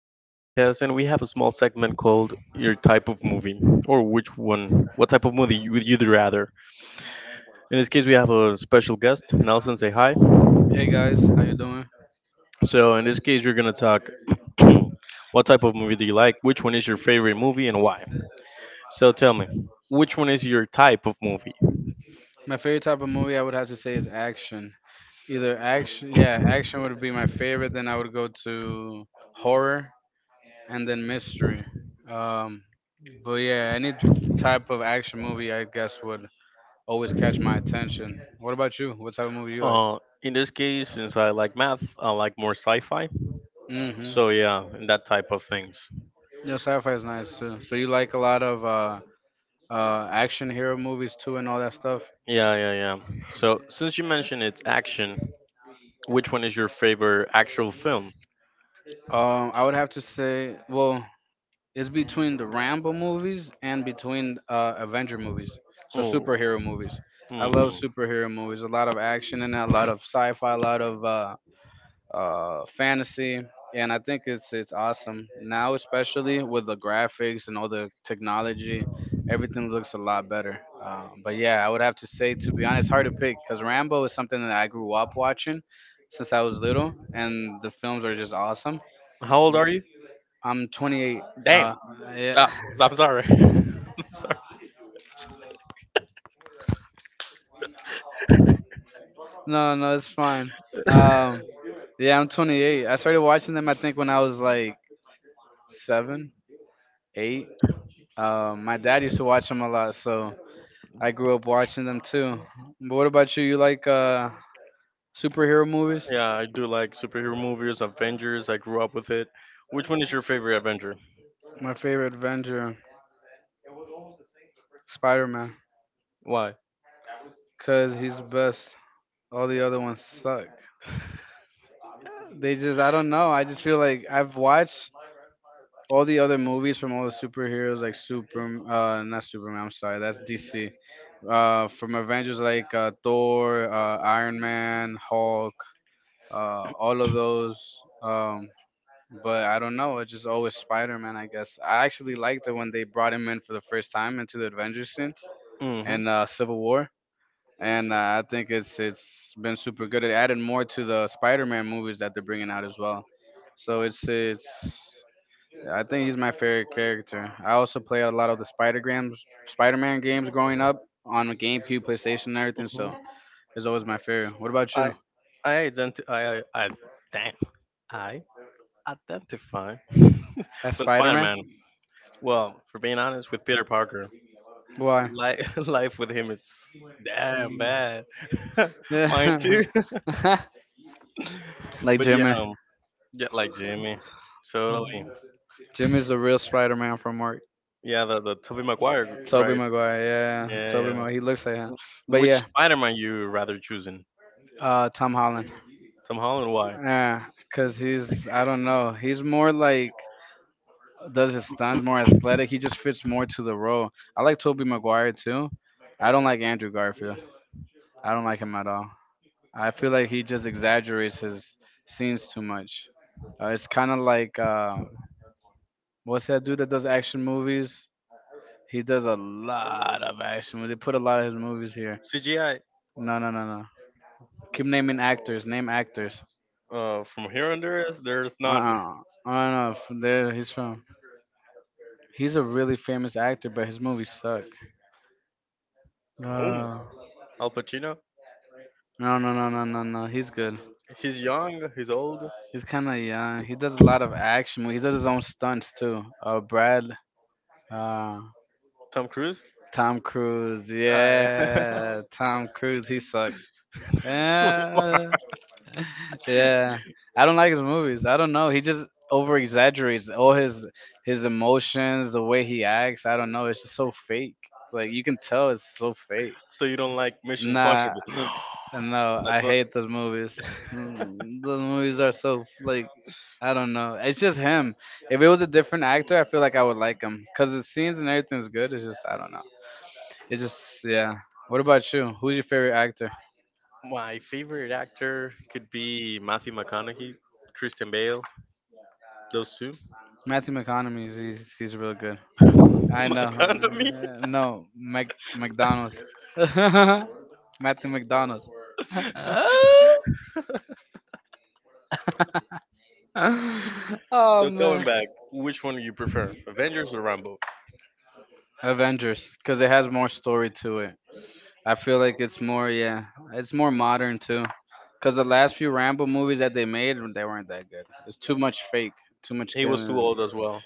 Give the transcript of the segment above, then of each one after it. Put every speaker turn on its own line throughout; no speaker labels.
small podcast, and we have a small segment called Your Type of Movie, or which one, what type of movie would you rather? In this case, we have a special guest, Nelson, say hi.
Hey guys, how you doing?
So, in this case, we're gonna talk what type of movie do you like, which one is your favorite movie, and why. So, tell me, which one is your type of movie?
My favorite type of movie I would have to say is action. Either action, yeah, action would be my favorite. Then I would go to horror and then mystery. Um, but yeah, any type of action movie I guess would always catch my attention. What about you? What type of movie you like?
Uh, in this case, since I like math, I like more sci-fi.
Hmm.
So yeah, and that type of things.
Yeah, sci-fi is nice too. So you like a lot of action hero movies too and all that stuff?
Yeah, yeah, yeah. So since you mentioned it's action, which one is your favorite actual film?
I would have to say, well, it's between the Rambo movies and between Avenger movies, so
Oh,
superhero movies. I love
hmm.
superhero movies. A lot of action in it, a lot of sci-fi, a lot of fantasy, and I think it's awesome now, especially with the graphics and all the technology. Everything looks a lot better. But yeah, I would have to say, to be honest, hard to pick because Rambo is something that I grew up watching since I was little, and the films are just awesome.
How old are you?
I'm 28.
Damn.
Uh, yeah.
Ah, I'm sorry. I'm sorry.
No, no, it's fine. Um, yeah, I'm 28. I started watching them, I think, when I was like seven, eight. My dad used to watch them a lot, so I grew up watching them too. But what about you? You like superhero movies?
Yeah, I do like superhero movies, Avengers. I grew up with it. Which one is your favorite Avenger?
My favorite Avenger, Spider Man,
Why?
because he's the best. All the other ones suck. They just, I don't know. I just feel like I've watched all the other movies from all the superheroes like super not superman, I'm sorry, that's DC. From Avengers, like Thor, Iron Man, Hulk, all of those. But I don't know, it's just always Spider-Man, I guess. I actually liked it when they brought him in for the first time into the Avengers scene
Mm-hmm.
and Civil War, and I think it's been super good. It added more to the Spider-Man movies that they're bringing out as well, so it's, yeah, I think he's my favorite character. I also play a lot of the Spider Grams, Spider Man games growing up on GameCube, PlayStation, and everything.
Mm-hmm.
So it's always my favorite. What about you?
I I damn. I identify
As
with
Spider Man?
Spider-Man. Well, for being honest, with Peter Parker,
Why?
life life with him is damn
Mm.
bad. Mine too.
Yeah. Like
But yeah,
Jimmy.
yeah, like Jimmy, totally.
Jimmy's the real Spider Man from work.
Yeah, the Tobey Maguire,
Toby
right?
Maguire, yeah.
Yeah,
Toby
yeah.
Maguire. He looks like him. But
Which
yeah,
Spider-Man you rather choosing?
Tom Holland.
Tom Holland?
Uh, cause he's, I don't know. He's more like does his stunts, more athletic. He just fits more to the role. I like Toby Maguire too. I don't like Andrew Garfield. I don't like him at all. I feel like he just exaggerates his scenes too much. It's kind of like what's that dude that does action movies? He does a lot of action movies. They put a lot of his movies here.
CGI.
No, no, no, no. Keep naming actors. Name actors.
From here on there's
Uh,
none.
uh I don't know. There, he's from. He's a really famous actor, but his movies suck.
Whom?
Uh,
Al Pacino?
no, no, no, no, no, no. He's good.
He's young. He's old.
He's kind of young. He does a lot of action movies. He does his own stunts too. Uh,
Tom Cruise.
Tom Cruise.
Ah,
Yeah, Tom Cruise. He sucks. Yeah, yeah. I don't like his movies. I don't know. He just over exaggerates all his emotions, the way he acts. I don't know. It's just so fake. Like you can tell, it's so fake.
so you don't like Mission
Nah,
Impossible?
and no, I
That's what
hate those movies. Mm, those movies are so like, I don't know. It's just him. If it was a different actor, I feel like I would like him because the scenes and everything's good. It's just, I don't know. It's just yeah. What about you? Who's your favorite actor?
my favorite actor could be: Matthew McConaughey, Christian Bale, those two.
Matthew McConaughey. He's real good. I know.
McConaughey.
No, Mac McDonald's. Matthew McDonald's.
So
Oh
going
man.
back, which one do you prefer, Avengers or Rambo?
Avengers, because it has more story to it. I feel like it's more, yeah, it's more modern too. Cause the last few Rambo movies that they made, they weren't that good. It's too much fake, too much
He was too
killing.
old as well.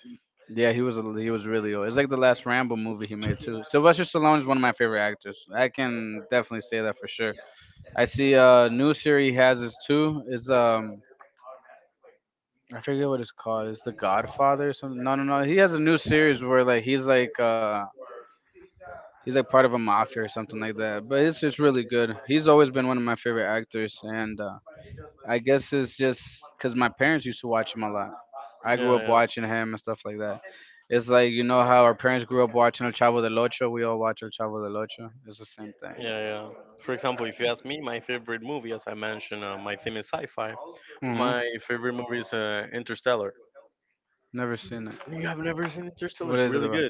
Yeah, he was a, he was really old. It's like the last Rambo movie he made too. Sylvester Stallone is one of my favorite actors. I can definitely say that for sure. I see a new series he has is too. Is I forget what it's called. It's The Godfather or something. No, no, no. He has a new series where like he's like he's like part of a mafia or something like that. But it's just really good. He's always been one of my favorite actors, and I guess it's just because my parents used to watch him a lot. I grew
Yeah,
up
yeah.
watching him and stuff like that. It's like you know how our parents grew up watching El Chavo del Ocho. We all watch El Chavo del Ocho. It's the same thing.
Yeah, yeah. For example, if you ask me, my favorite movie, as I mentioned, my theme is sci-fi.
Hmm.
My favorite movie is Interstellar.
Never seen it.
You have never seen Interstellar?
What
It's
is it
really
about?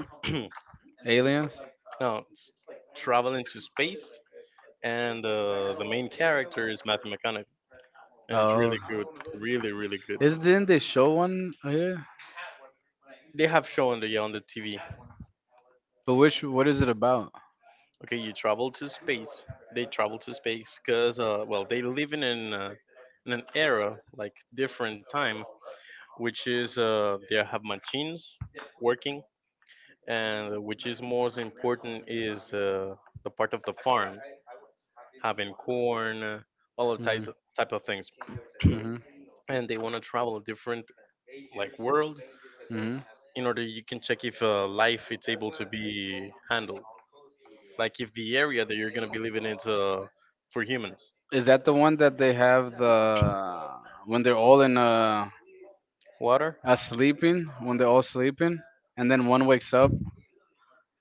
good.
Aliens?
Now, it's traveling to space, and the main character is Matthew McConaughey, and it's
Oh,
really good, really, really good.
is didn't they show one here?
They have shown the on the TV.
But which what is it about?
Okay, you travel to space. They travel to space because, well, they live in an era like different time, which is they have machines working, and which is most important is the part of the farm having corn, all of type
Hmm.
type of things,
Hmm.
and they want to travel a different like world
Hmm.
in order you can check if life it's able to be handled, like if the area that you're gonna be living is for humans.
Is that the one that they have the when they're all in
Water.
a sleeping, when they're all sleeping and then one wakes up?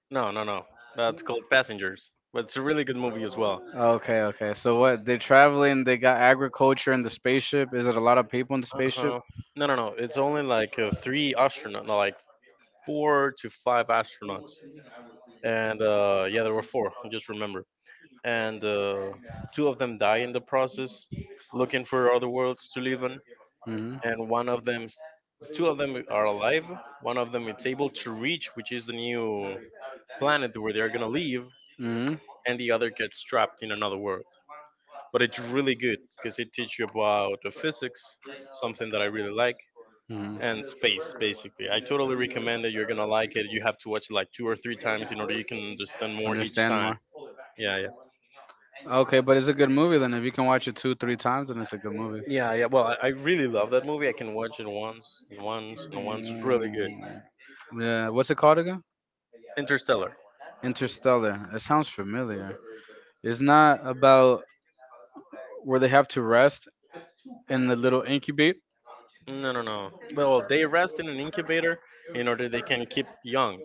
No, no, no. That's called Passengers. But it's a really good movie as well.
Okay, okay. So what? They're traveling. They got agriculture in the spaceship. Is it a lot of people in the spaceship?
Uh-huh. No, no, no. It's only like three astronauts, no, like four to five astronauts. And yeah, there were four. I just remember. And two of them die in the process, looking for other worlds to live on.
Mhm.
And one of them, two of them are alive. One of them is able to reach, which is the new planet where they are gonna live.
Mhm. Mhm.
And the other gets trapped in another world. But it's really good because it teaches you about the physics, something that I really like, and space basically. I totally recommend it. You're gonna like it. You have to watch it like two or three times in order you can understand more each
Understand
time.
more.
Yeah, yeah,
Okay, but it's a good movie then. If you can watch it two, three times, then it's a good movie.
yeah, yeah. Well, I really love that movie. I can watch it once and once and once. It's really good.
Mm, yeah, what's it called again?
Interstellar.
Interstellar. It sounds familiar. It's not about where they have to rest in the little incubate.
No, no, no. Well, they rest in an incubator in order they can keep young.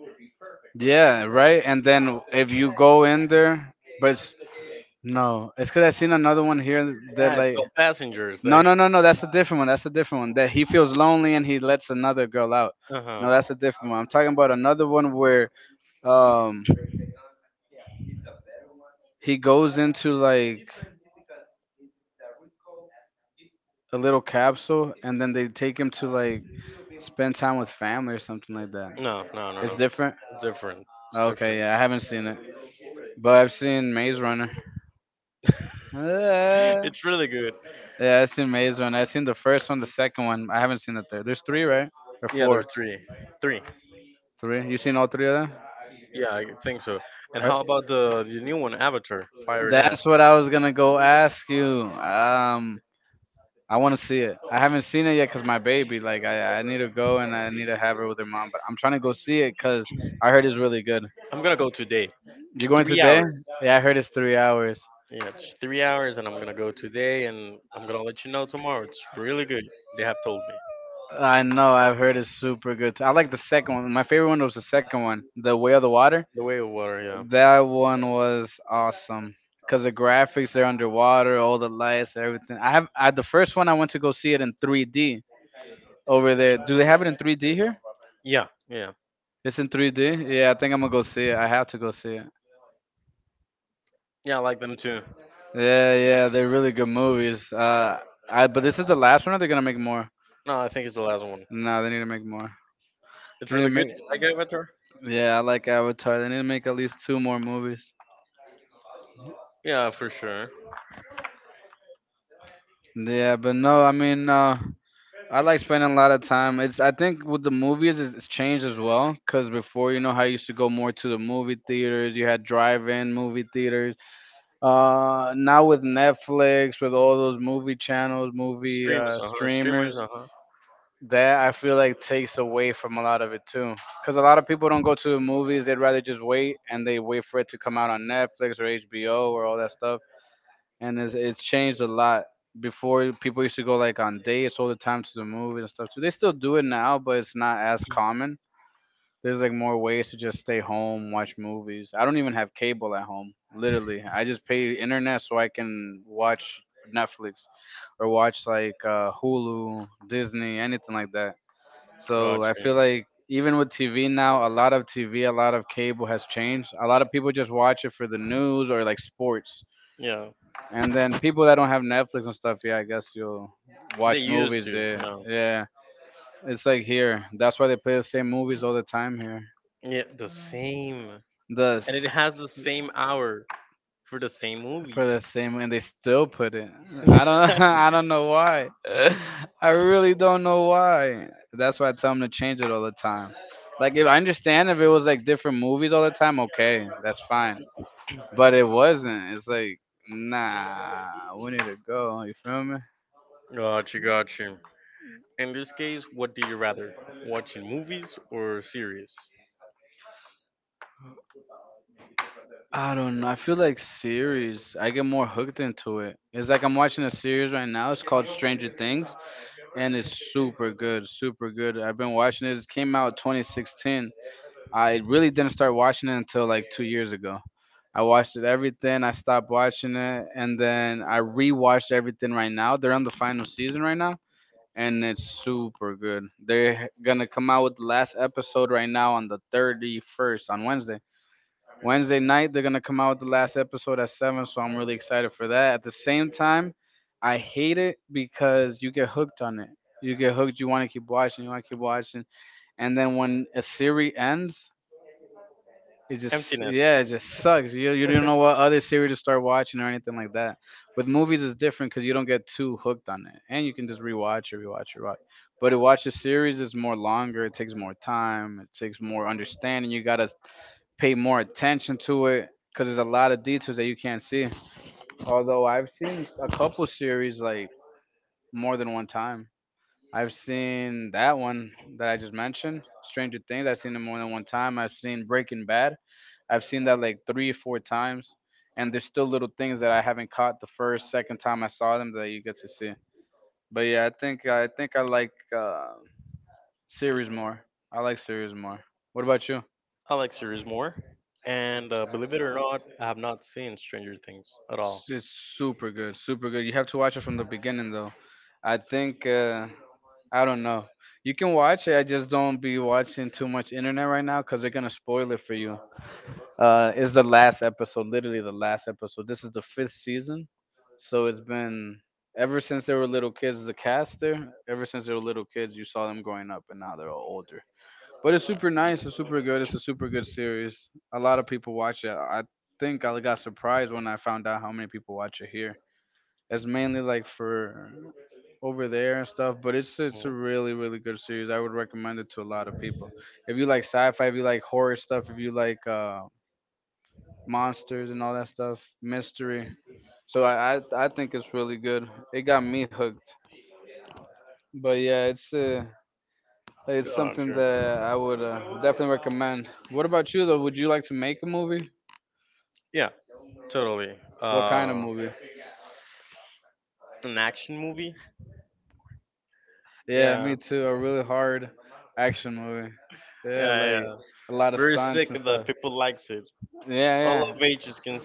Yeah, right. And then if you go in there, but it's- no, it's because I seen another one here that
Yeah, it's
like.
called Passengers. That
No,
he.
no, no, no. That's a different one. That's a different one. That he feels lonely and he lets another girl out.
Uh huh.
No, that's a different one. I'm talking about another one where um he goes into like a little capsule, and then they take him to like spend time with family or something like that.
No, no, no,
It's
no.
different.
It's different. It's
Okay,
different.
yeah, I haven't seen it, but I've seen Maze Runner. Uh,
It's really good.
yeah, I've seen Maze Runner. I've seen the first one, the second one. I haven't seen the third. There's three, right? Or
Yeah,
four?
there's three. Three.
Three. You seen all three of them?
Yeah, I think so. And
Right?
how about the new one, Avatar, Fire and Ash?
That's what I was gonna go ask you. I want to see it. I haven't seen it yet 'cause my baby, like, I need to go and I need to have her with her mom. But I'm trying to go see it 'cause I heard it's really good.
I'm gonna go today.
You going
Three
today?
hours.
Yeah, I heard it's 3 hours.
Yeah, it's 3 hours, and I'm gonna go today, and I'm gonna let you know tomorrow. It's really good. They have told me.
I know. I've heard it's super good too. I like the second one. My favorite one was the second one, the Way of the Water.
The Way of Water. Yeah.
That one was awesome because the graphics, they're underwater, all the lights, everything. The first one I went to go see it in 3D over there. Do they have it in 3D here?
Yeah, yeah,
It's in 3D. Yeah, I think I'm gonna go see it. I have to go see it.
yeah. I like them too.
Yeah, yeah, they're really good movies. I but this is the last one. Or they're gonna make more.
No, I think it's the last one.
No, they need to make more.
It's
And it
really good.
make,
Like Avatar.
yeah, I like Avatar. They need to make at least two more movies.
Yeah, for sure.
Yeah, but no, I mean, I like spending a lot of time. It's I think with the movies it's changed as well because before you know how I used to go more to the movie theaters. You had drive-in movie theaters. Now with Netflix, with all those movie channels, movie
Streamers, uh huh. Streamers,
streamers,
uh huh.
that I feel like takes away from a lot of it too. Because a lot of people don't go to the movies; they'd rather just wait and they wait for it to come out on Netflix or HBO or all that stuff, and it's changed a lot. Before people used to go like on dates all the time to the movies and stuff. So they still do it now, but it's not as common. There's like more ways to just stay home, watch movies. I don't even have cable at home. Literally, I just pay internet so I can watch Netflix or watch like Hulu, Disney, anything like that. So I
Gotcha.
feel like even with TV now, a lot of TV, a lot of cable has changed. A lot of people just watch it for the news or like sports.
Yeah,
And then people that don't have Netflix and stuff, yeah, I guess you'll
they
watch
used
movies
to.
there.
Yeah,
Yeah, it's like here. That's why they play the same movies all the time here.
yeah, the same,
The
and it has the
s-
same hour for the same movie.
for the same, and they still put it. I don't. I don't know why. I really don't know why. That's why I tell them to change it all the time. Like if I understand if it was like different movies all the time, okay, that's fine. But it wasn't. It's like nah, we need to go. You feel me?
Gotcha, gotcha. In this case, what do you rather, watching movies or series?
I don't know. I feel like series. I get more hooked into it. It's like I'm watching a series right now. It's called Stranger Things, and it's super good, super good. I've been watching it. It came out 2016. I really didn't start watching it until like 2 years ago. I watched it everything. I stopped watching it, and then I rewatched everything right now. They're on the final season right now, and it's super good. They're gonna come out with the last episode right now on the 31st on Wednesday. Wednesday night they're gonna come out with the last episode at 7, so I'm really excited for that. At the same time, I hate it because you get hooked on it. You get hooked. You want to keep watching. You want to keep watching, and then when a series ends, it just
Emptiness.
yeah, it just sucks. You don't know what other series to start watching or anything like that. With movies, it's different because you don't get too hooked on it, and you can just rewatch or rewatch or rewatch. But to watch a series is more longer. It takes more time. It takes more understanding. You gotta pay more attention to it because there's a lot of details that you can't see. Although I've seen a couple series like more than one time. I've seen that one that I just mentioned, Stranger Things. I've seen it more than one time. I've seen Breaking Bad. I've seen that like three or four times, and there's still little things that I haven't caught the first, second time I saw them that you get to see. But yeah, I think I like series more. I like series more. What about you?
I like series more, and believe it or not, I have not seen Stranger Things at
It's
all.
it's super good, super good. You have to watch it from the beginning though. I think I don't know. You can watch it. I just don't be watching too much internet right now because they're gonna spoil it for you. It's the last episode, literally the last episode. This is the fifth season, so it's been ever since they were little kids. The cast there, ever since they were little kids, you saw them growing up, and now they're all older. But it's super nice. It's super good. It's a super good series. A lot of people watch it. I think I got surprised when I found out how many people watch it here. It's mainly like for over there and stuff, but it's a really really good series. I would recommend it to a lot of people. If you like sci-fi, if you like horror stuff, if you like monsters and all that stuff, mystery. So I think it's really good. It got me hooked. But yeah, it's something that I would definitely recommend. What about you though? Would you like to make a movie?
Yeah, totally.
What kind of movie?
An action movie.
Yeah, me too. A really hard action movie. Yeah,
Yeah,
like
yeah.
a lot of stunts and
That
stuff.
people likes it. Yeah, all
Yeah,
of ages can like.
yeah.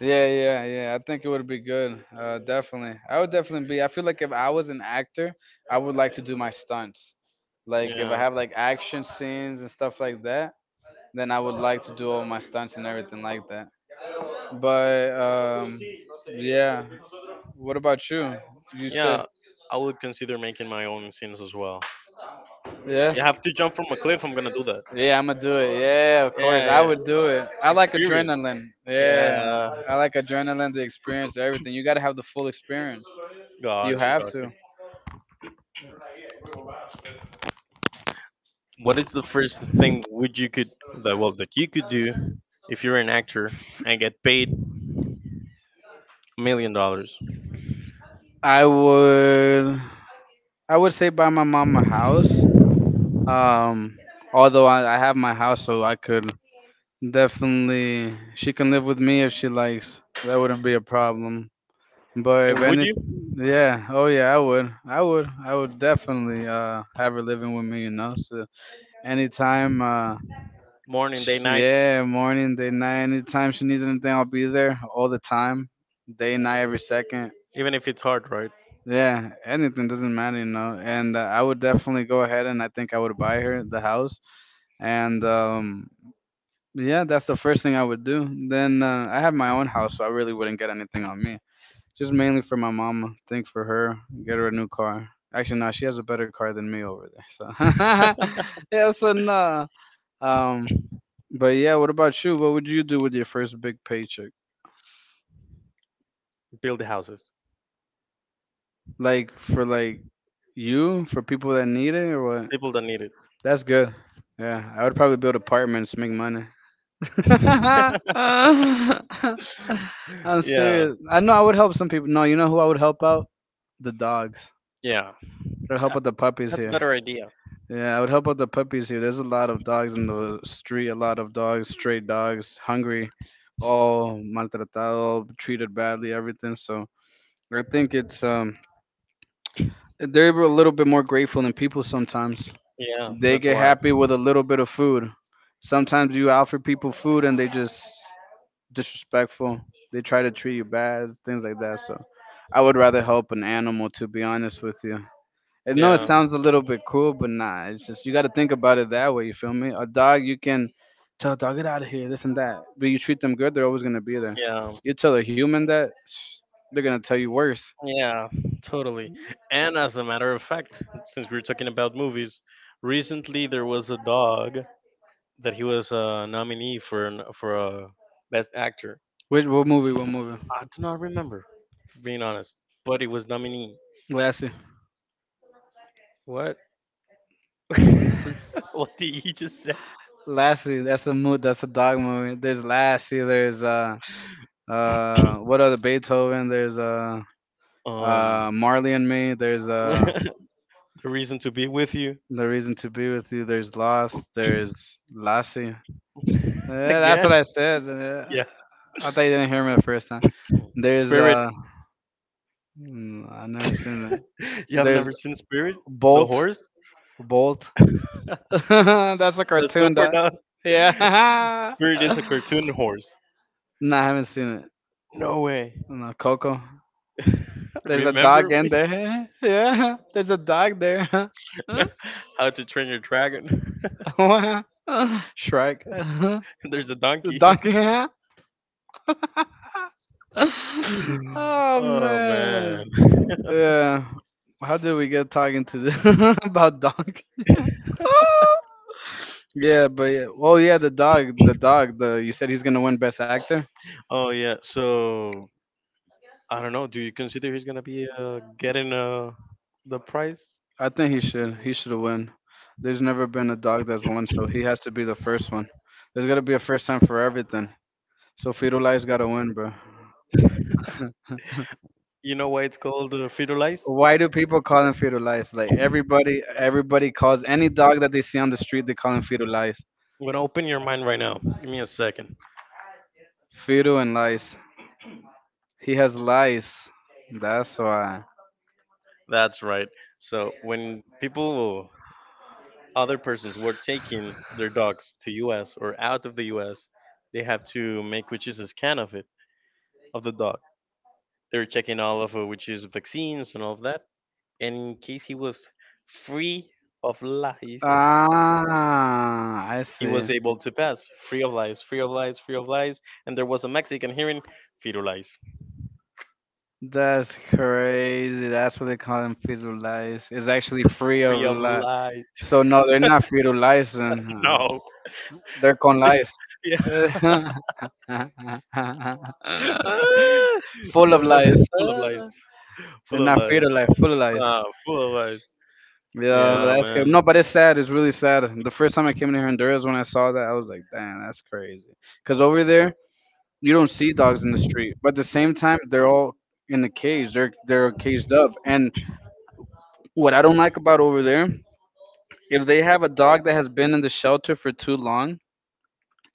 Yeah, yeah, yeah. I think it would be good. Definitely. I would definitely be. I feel like if I was an actor, I would like to do my stunts. Like if I
Yeah.
have like action scenes and stuff like that, then I would like to do all my stunts and everything like that. But yeah. What about you? You said
Yeah, I would consider making my own scenes as well.
Yeah.
You have to jump from a cliff. I'm gonna do that.
Yeah, I'm gonna do it. Yeah, of course.
Yeah,
I
yeah.
would do it. I like
Experience.
adrenaline. Yeah.
Yeah.
I like adrenaline, the experience, everything. You gotta have the full experience. You
Gotcha,
have
gotcha.
to.
What is the first thing would you could that well that you could do if you're an actor and get paid $1 million?
I would I would say buy my mom a house. Um although I have my house so I could definitely she can live with me if she likes. That wouldn't be a problem. But if
And would
any
you
yeah, oh yeah, I would. I would. I would definitely have her living with me, you know. So Anytime,
morning, day, night,
yeah, morning, day, night. Anytime she needs anything, I'll be there all the time, day, night, every second.
even if it's hard, right?
Yeah, anything doesn't matter, you know. And I would definitely go ahead and I think I would buy her the house. And yeah, that's the first thing I would do. Then I have my own house, so I really wouldn't get anything on me. Just mainly for my mama. Think for her, get her a new car. Actually, no, she has a better car than me over there. So yeah, so no. Um, but yeah, what about you? What would you do with your first big paycheck?
Build houses.
Like for like you, for people that need it or what?
People that need it.
That's good. Yeah, I would probably build apartments, make money. I'm
Yeah,
serious. I know I would help some people. No, you know who I would help out? The dogs.
yeah.
I'd help
That-
out the puppies
That's a
here.
better idea.
Yeah, I would help out the puppies here. There's a lot of dogs in the street, a lot of dogs, stray dogs, hungry, all maltratado, treated badly, everything. So I think it's they're a little bit more grateful than people sometimes.
Yeah,
They
that's
get
why.
happy with a little bit of food. Sometimes you offer people food and they just disrespectful. They try to treat you bad, things like that. So I would rather help an animal to be honest with you. I know it
Yeah,
sounds a little bit cool, but nah, it's just you gotta think about it that way, you feel me? A dog you can tell a dog get out of here, this and that. But you treat them good, they're always gonna be there.
yeah.
You tell a human that they're gonna tell you worse.
Yeah, totally. And as a matter of fact, since we were talking about movies, recently there was a dog that he was a nominee for a best actor.
Which what movie, what movie?
I do not remember, for being honest, but he was nominee.
Lassie.
What? What did you just say?
Lassie, that's a mo that's a dog movie. There's Lassie, there's what other Beethoven, there's
Um,
Marley and Me, there's
the reason to be with you.
The Reason to Be With You, there's Lost, there's Lassie. Yeah, that's
Again.
what I said. Yeah.
Yeah,
I thought you didn't hear me the first time. There's
Spirit.
uh mm, I've never seen
You
that.
have
There's
never seen Spirit, the
Bolt.
horse.
Bolt. That's a
The
cartoon
super
dog.
Supernut.
Yeah.
Spirit is a cartoon horse.
Nah, I haven't seen it.
No way.
No, Coco. There's a
Remember
dog
me?
in there. Yeah, there's a dog there.
How to Train Your Dragon?
Shrek.
There's a
The
donkey.
donkey. Oh
Oh man.
man. Yeah. How did we get talking to this about donkey? Yeah, but yeah. Oh yeah, the dog. The dog. The you said he's gonna win Best Actor.
Oh yeah. So I don't know. Do you consider he's gonna be getting the prize?
I think he should. He should win. There's never been a dog that's won, so he has to be the first one. There's gotta be a first time for everything. So Firulais gotta win, bro.
You know why it's called Fiddle Lies?
Why do people call him Firulais? Like everybody, everybody calls any dog that they see on the street, they call him Firulais.
I'm gonna open your mind right now. Give me a second.
Firu and lice. He has lice. That's why.
That's right. So when people other persons were taking their dogs to US or out of the US, they have to make which is a scan of it, of the dog. They're checking all of which is vaccines and all of that. And in case he was free of lies,
Ah, I
he
see.
was able to pass. Free of lies, free of lies, free of lies. And there was a Mexican hearing, fetal lies.
That's crazy. That's what they call them fetal lice. It's actually free of
Free of
li
lies.
So no, they're not fetal lice then.
No.
They're con lies.
Yeah. Uh,
Full of lies.
full of lies. Full
They're
of
not afraid
lies.
of life, full of lies.
Ah, full of lies.
Yeah,
Yeah,
that's crazy.
man.
No, but it's sad. It's really sad. The first time I came to Honduras, when I saw that, I was like, "Damn, that's crazy." Because over there, you don't see dogs in the street, but at the same time, they're all in a cage. They're caged up. And what I don't like about over there, if they have a dog that has been in the shelter for too long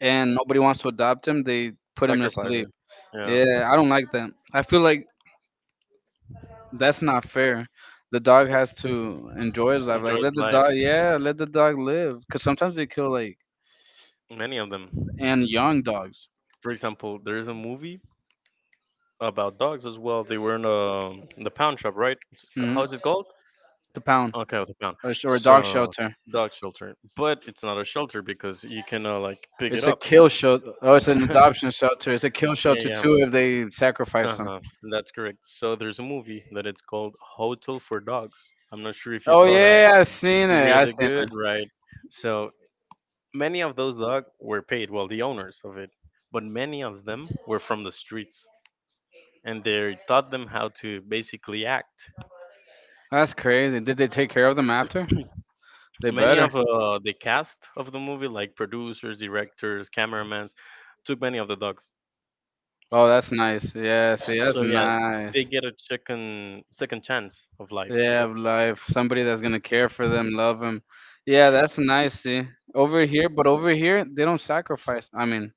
and nobody wants to adopt him, they put him to sleep.
Sacrificing. Yeah.
Yeah, I don't like that. I feel like that's not fair. The dog has to enjoy his life. Like
Enjoys
let the
life.
dog, yeah, let the dog live. Cause sometimes they kill like
Many of them.
and young dogs.
For example, there is a movie about dogs as well. They were in the pound shop, right? How
Hmm.
is it called?
The pound
Okay, the pound.
or, sh- or a dog
So,
shelter.
dog shelter. But it's not a shelter because you can like pick it
It's a
up.
kill shelter. Oh, it's an adoption shelter. It's a kill
Yeah,
shelter
yeah.
too if they sacrifice them.
Uh-huh. That's correct. So there's a movie that it's called Hotel for Dogs. I'm not sure if you
Oh
saw that.
yeah, I seen it. I
Really
seen
good,
it.
right? So many of those dogs were paid, well, the owners of it, but many of them were from the streets, and they taught them how to basically act.
That's crazy. Did they take care of them after? They
Many
better.
of the cast of the movie, like producers, directors, cameramans, took many of the dogs.
Oh, that's nice. Yeah, see, that's
So yeah,
nice.
they get a second chance of life.
Yeah, of life. Somebody that's gonna care for them, love them. Yeah, that's nice. See, over here, but over here they don't sacrifice. I mean,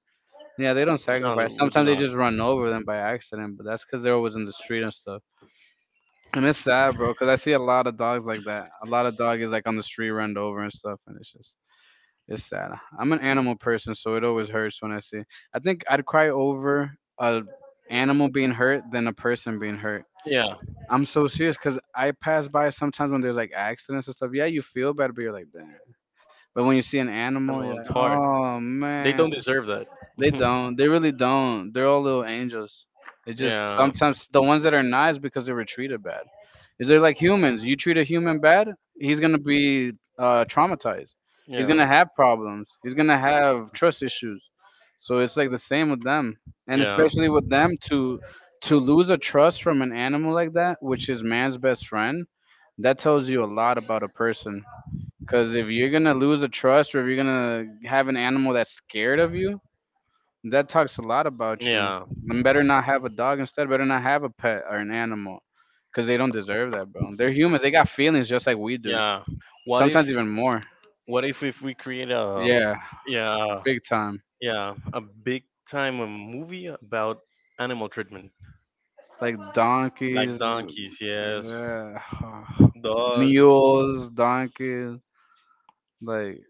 yeah, they don't
No,
sacrifice.
we do
Sometimes they
not.
just run over them by accident, but that's because they're always in the street and stuff. And it's sad, bro, because I see a lot of dogs like that. A lot of dog is like on the street, run over and stuff, and it's just it's sad. I'm an animal person, so it always hurts when I see. I think I'd cry over a animal being hurt than a person being hurt.
Yeah,
I'm so serious because I pass by sometimes when there's like accidents and stuff. Yeah, you feel bad, but you're like, damn. But when you see an
I
animal,
know
you're
it's
like,
hard.
oh
They
man,
don't deserve that.
they don't. They really don't. They're all little angels. It's just
Yeah,
sometimes the ones that are nice because they were treated bad. Is they're like humans? You treat a human bad, he's gonna be traumatized. He's
yeah,
gonna have problems. He's gonna have trust issues. So it's like the same with them, and
yeah,
especially with them to lose a trust from an animal like that, which is man's best friend. That tells you a lot about a person. Because if you're gonna lose a trust, or if you're gonna have an animal that's scared of you, that talks a lot about you.
yeah.
And better not have a dog instead. Better not have a pet or an animal, because they don't deserve that, bro. They're humans. They got feelings just like we do.
Yeah. What
Sometimes
if
even more.
what if we create a,
Yeah,
yeah,
big time.
yeah, a big time, a movie about animal treatment,
Like
like
donkeys,
donkeys, yes,
uh,
dogs,
mules, donkeys. Like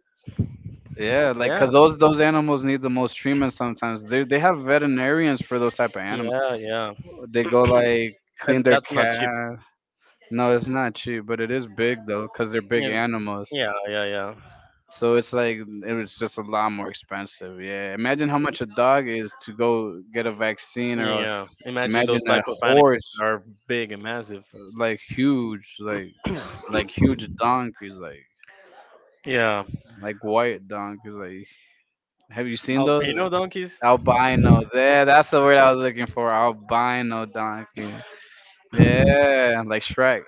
yeah, like
yeah,
'cause those animals need the most treatment sometimes. They have veterinarians for those type of animals.
yeah, yeah.
They go like
And
clean their
that's not cheap,
calf. No, it's not cheap, but it is big though, 'cause they're big
yeah,
animals.
yeah, yeah, yeah,
So it's like it was just a lot more expensive. Yeah. Imagine how much a dog is to go get a vaccine or
yeah. Imagine
imagine
those type
a
of animals
horse
are big and massive,
like huge like like huge donkeys
yeah,
like white donkeys like have you seen those
albino donkeys.
albino there that's the word I was looking for albino donkey yeah like Shrek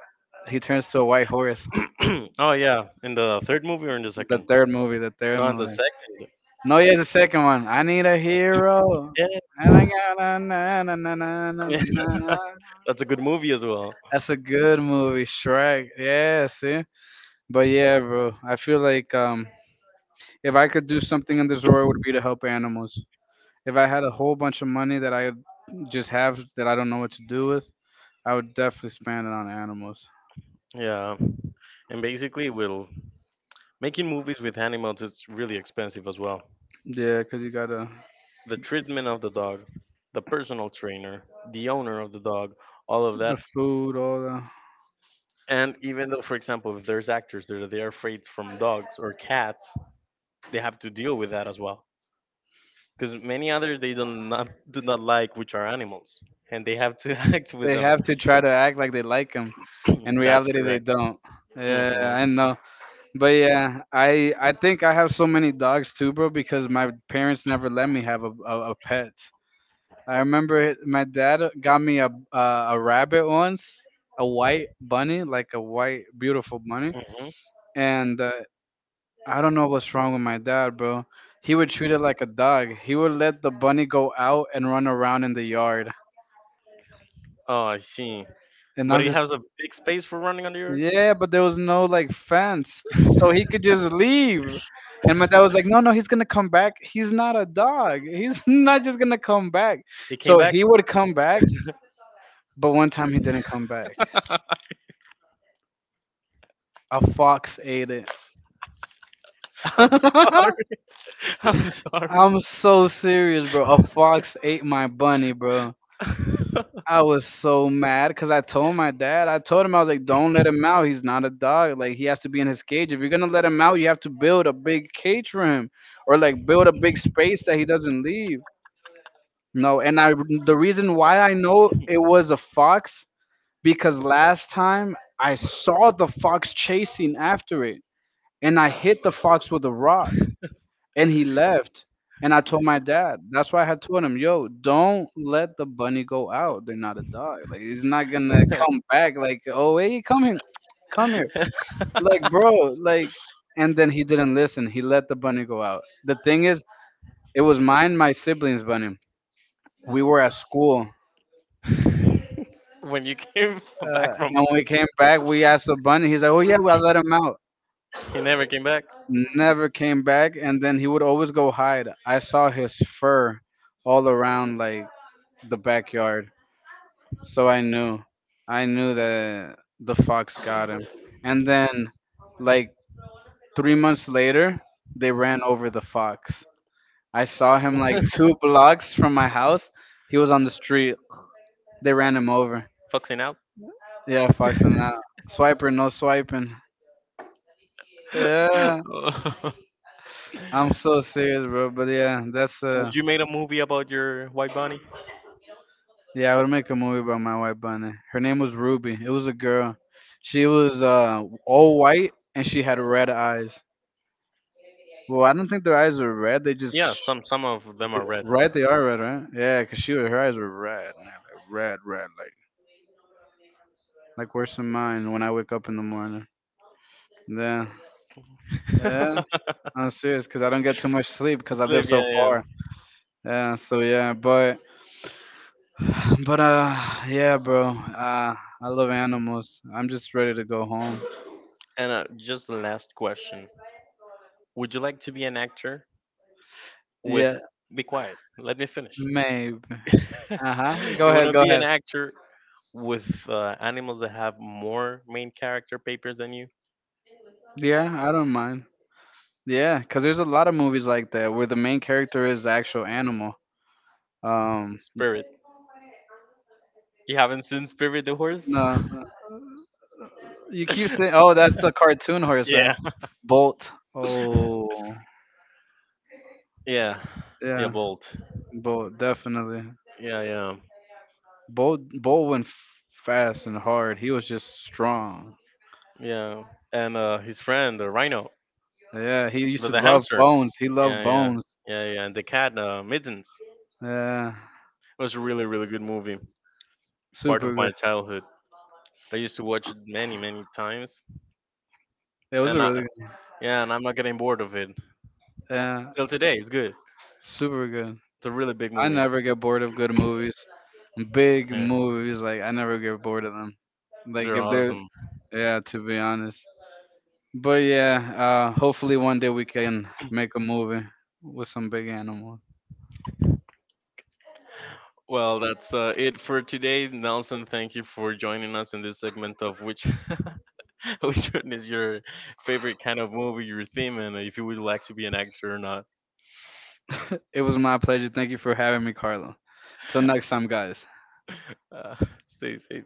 he turns to a white horse
Oh yeah, in the third movie or in the
the
second.
third movie the third
No, in the
movie.
second.
No, here's the second one. I need a hero. And I got a
Yeah,
na.
that's a good movie as well.
That's a good movie, Shrek. Yeah, see? But yeah, bro. I feel like if I could do something in this world it would be to help animals. If I had a whole bunch of money that I just have that I don't know what to do with, I would definitely spend it on animals.
Yeah. And basically, will making movies with animals is really expensive as well.
Yeah, 'cause you gotta
The treatment of the dog, the personal trainer, the owner of the dog, all of
the
that.
food, all the.
And even though, for example, if there's actors that are they are afraid from dogs or cats, they have to deal with that as well. Because many others they do not like, which are animals, and they have to act with
They
them.
have to try to act like they like them. In
That's
reality, they
correct.
don't. Yeah,
Hmm.
I know. But yeah, I think I have so many dogs too, bro, because my parents never let me have a pet. I remember my dad got me a rabbit once, a white bunny, like a white beautiful bunny,
Hmm.
and I don't know what's wrong with my dad, bro. He would treat it like a dog. He would let the bunny go out and run around in the yard.
Oh, I see.
And
But
I'm
it
just,
has a big space for running under your.
yeah, but there was no like fence, so he could just leave. And my dad was like, "No, no, he's gonna come back. He's not a dog. He's not just gonna come back."
It came
So
back.
he would come back, but one time he didn't come back. A fox ate it.
I'm sorry. I'm sorry.
I'm so serious, bro. A fox ate my bunny, bro. I was so mad because I told my dad, I told him, I was like, don't let him out. He's not a dog. Like, he has to be in his cage. If you're going to let him out, you have to build a big cage for him or like build a big space that he doesn't leave. No, and I the reason why I know it was a fox because last time I saw the fox chasing after it and I hit the fox with a rock and he left and I told my dad. That's why I had told him, "Yo, don't let the bunny go out. They're not a dog. Like he's not going to come back like, "Oh, hey, come here. Come here." Like, bro, like and then he didn't listen. He let the bunny go out. The thing is, it was mine, my siblings' bunny. We were at school.
When you came
Uh,
back from,
and when we came back, we asked the bunny. He's like, "Oh yeah, well, I let him out."
you never came back.
Never came back, and then he would always go hide. I saw his fur all around like the backyard, so I knew that the fox got him. And then, like 3 months later, they ran over the fox. I saw him like two blocks from my house. He was on the street. They ran him over.
Foxing out.
Yeah, fox and that swiper, no swiping. Yeah, I'm so serious, bro. But yeah, that's
Would you made a movie about your white bunny?
yeah. I would make a movie about my white bunny. Her name was Ruby. It was a girl. She was all white and she had red eyes. Well, I don't think their eyes were red. They just
Yeah, some of them are red.
red. They are red, right? Yeah, 'cause she was her eyes were red, man, like red, red, like worse than mine when I wake up in the morning. Yeah, yeah. I'm serious 'cause I don't get too much sleep 'cause I
Slave,
live so
yeah, yeah.
far. Yeah, so yeah, but But yeah, bro. I love animals. I'm just ready to go home.
And just the last question: would you like to be an actor with?
Yeah,
Be quiet. Let me finish.
maybe. Uh huh. Go
You want
ahead.
to
Go
be an
ahead.
actor with animals that have more main character papers than you?
Yeah, I don't mind. Yeah, cause there's a lot of movies like that where the main character is the actual animal. Um,
Spirit. You haven't seen Spirit the horse?
no, you keep saying, oh, that's the cartoon horse, right?
Yeah.
Bolt. Oh,
Yeah. Yeah,
yeah.
Bolt.
Bolt, definitely.
Yeah, yeah.
Bolt went fast and hard. He was just strong.
Yeah. And his friend, the rhino,
Yeah, he used to
the
love
hamster.
bones. He loved
Yeah, yeah.
bones.
Yeah, yeah. And the cat, Mittens.
Yeah,
It was a really, really good movie. Part
super
of my
good.
childhood. I used to watch it many, many times.
It was
And
a
I,
really good.
yeah, and I'm not getting bored of it.
Yeah,
Till today, it's good.
super good.
It's a really big
I
movie.
never get bored of good movies. Big
Yeah,
movies, like I never get bored of them. Like
they're
if they're,
awesome.
yeah, to be honest. But yeah, hopefully one day we can make a movie with some big animals.
Well, that's it for today, Nelson. Thank you for joining us in this segment of which which one is your favorite kind of movie, your theme, and if you would like to be an actor or not.
It was my pleasure. Thank you for having me, Carlo. Till next time, guys.
Uh, stay safe.